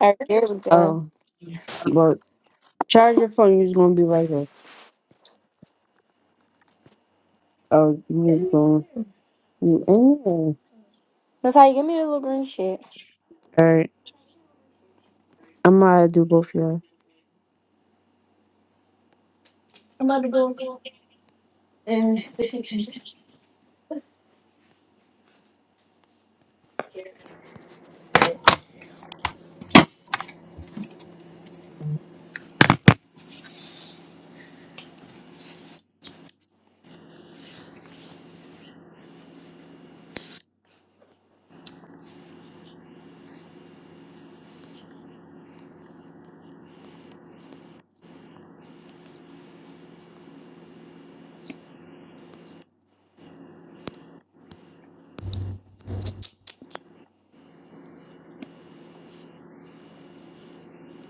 All right, there we go. Oh, well, charge your phone. You're just gonna be right here. Oh, you just going. to All That's how you give me the little green shit. right, I'm gonna do both of y'all.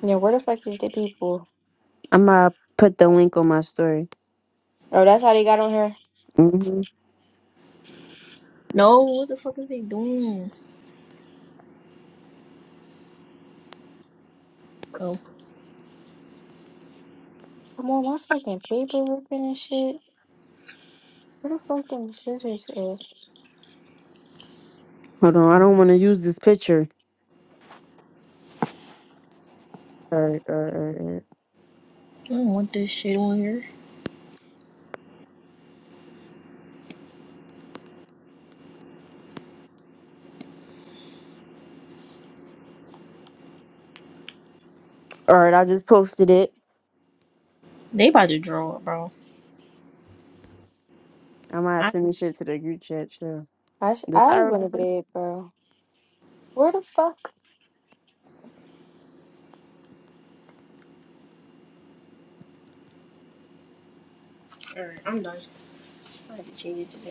Yeah, where the fuck is the people? I'm gonna put the link on my story. Oh, that's how they got on here. hmm No, what the fuck is they doing? Oh, Come on, my fucking paper ripping and shit. Where the fuck them scissors at? Hold on, I don't want to use this picture. All right, all right, all right. All right, I don't want this shit on here. All right, I just posted it. They about to draw, bro. I might have I, sent this shit to the group chat too. I sh- The I power of the went to picture. bed, bro. Where the fuck? alright, I'm done. I have to change it today.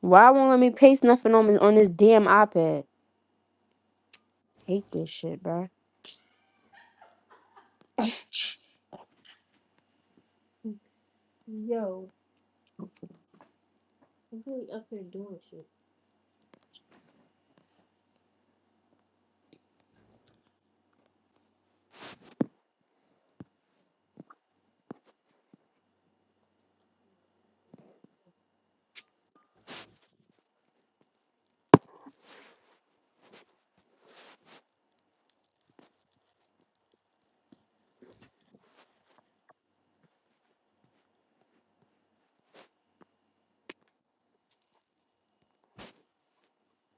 Why won't let me paste nothing on on this damn iPad? Hate this shit, bro.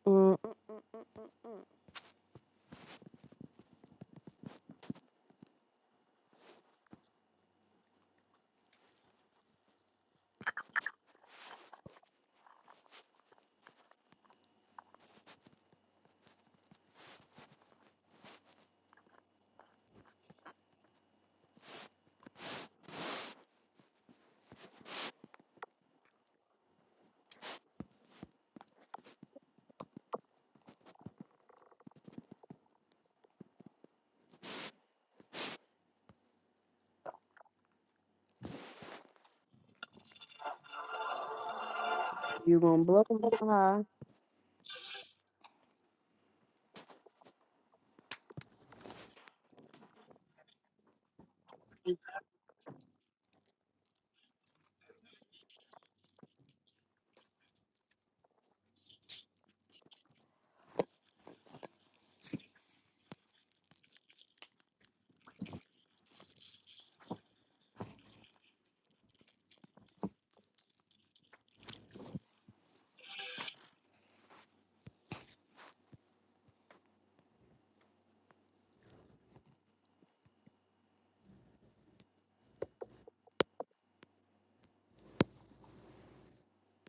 Mm, mm, mm. You gonna blow my high?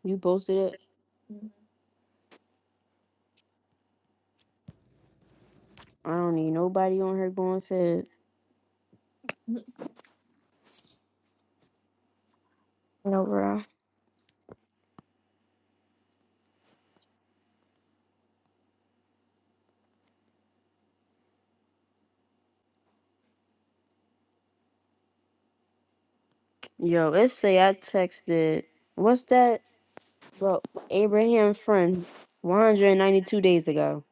You posted it. I don't need nobody on here going fed. No, bro. Yo, let's say I texted, what's that? Well, Abraham friend, 192 days ago.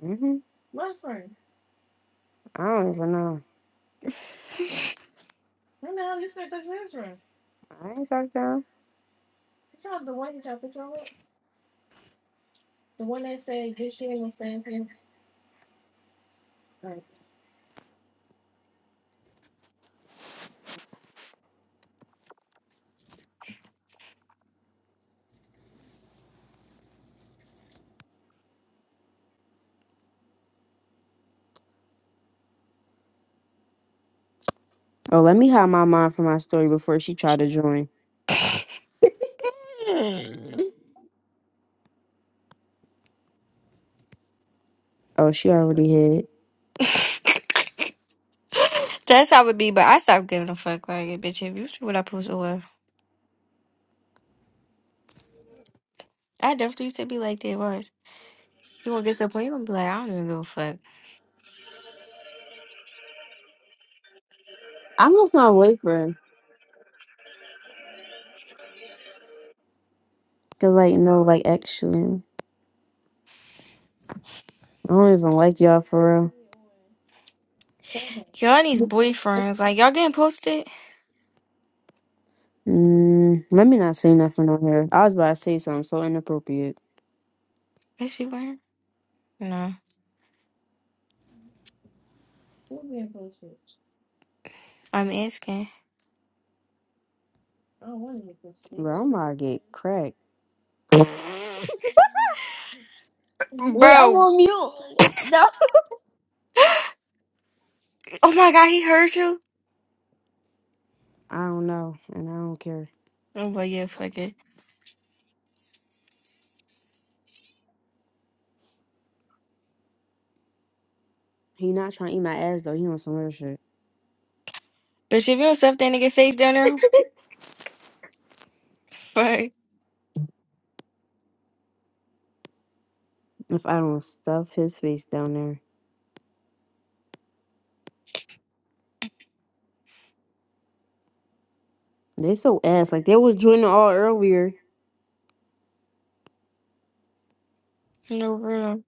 hmm I don't even know. I ain't talked to her. Oh, let me hide my mom from my story before she tried to join. Hmm. Oh, she already hid. that's how it be, but I stopped giving a fuck. Like, bitch, if you see what I post away, I definitely used to be like that. Worse. You gonna get to a point you gonna be like, I don't even give a fuck. I must not wait for her. Cause like, no, like actually, I don't even like y'all for real. Y'all and these boyfriends, like y'all getting posted? Mm, let me not say nothing on here. I was about to say something so inappropriate. Is people here? No, I'm asking. Bro, I'm about to get cracked. Wait, I'm Bro, on mute. No. oh my god, he heard you? I don't know, and I don't care. Oh, but yeah, fuck it. He not trying to eat my ass though. He on some other shit. Bitch, if you don't stuff that nigga face down there, fuck. If I don't stuff his face down there, they so ass. Like they was joining all earlier. No, real.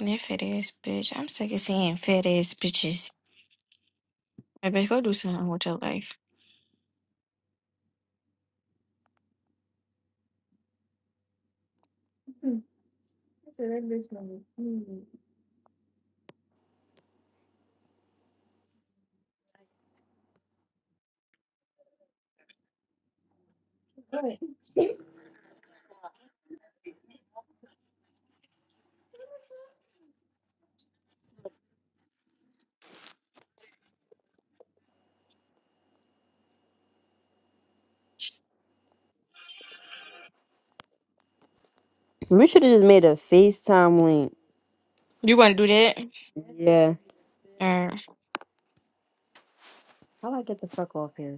Yeah, fat ass bitch. I'm sick of seeing fat ass bitches. I bitch, go do something with your life. We should have just made a FaceTime link. You wanna do that? Yeah. How do I get the fuck off here?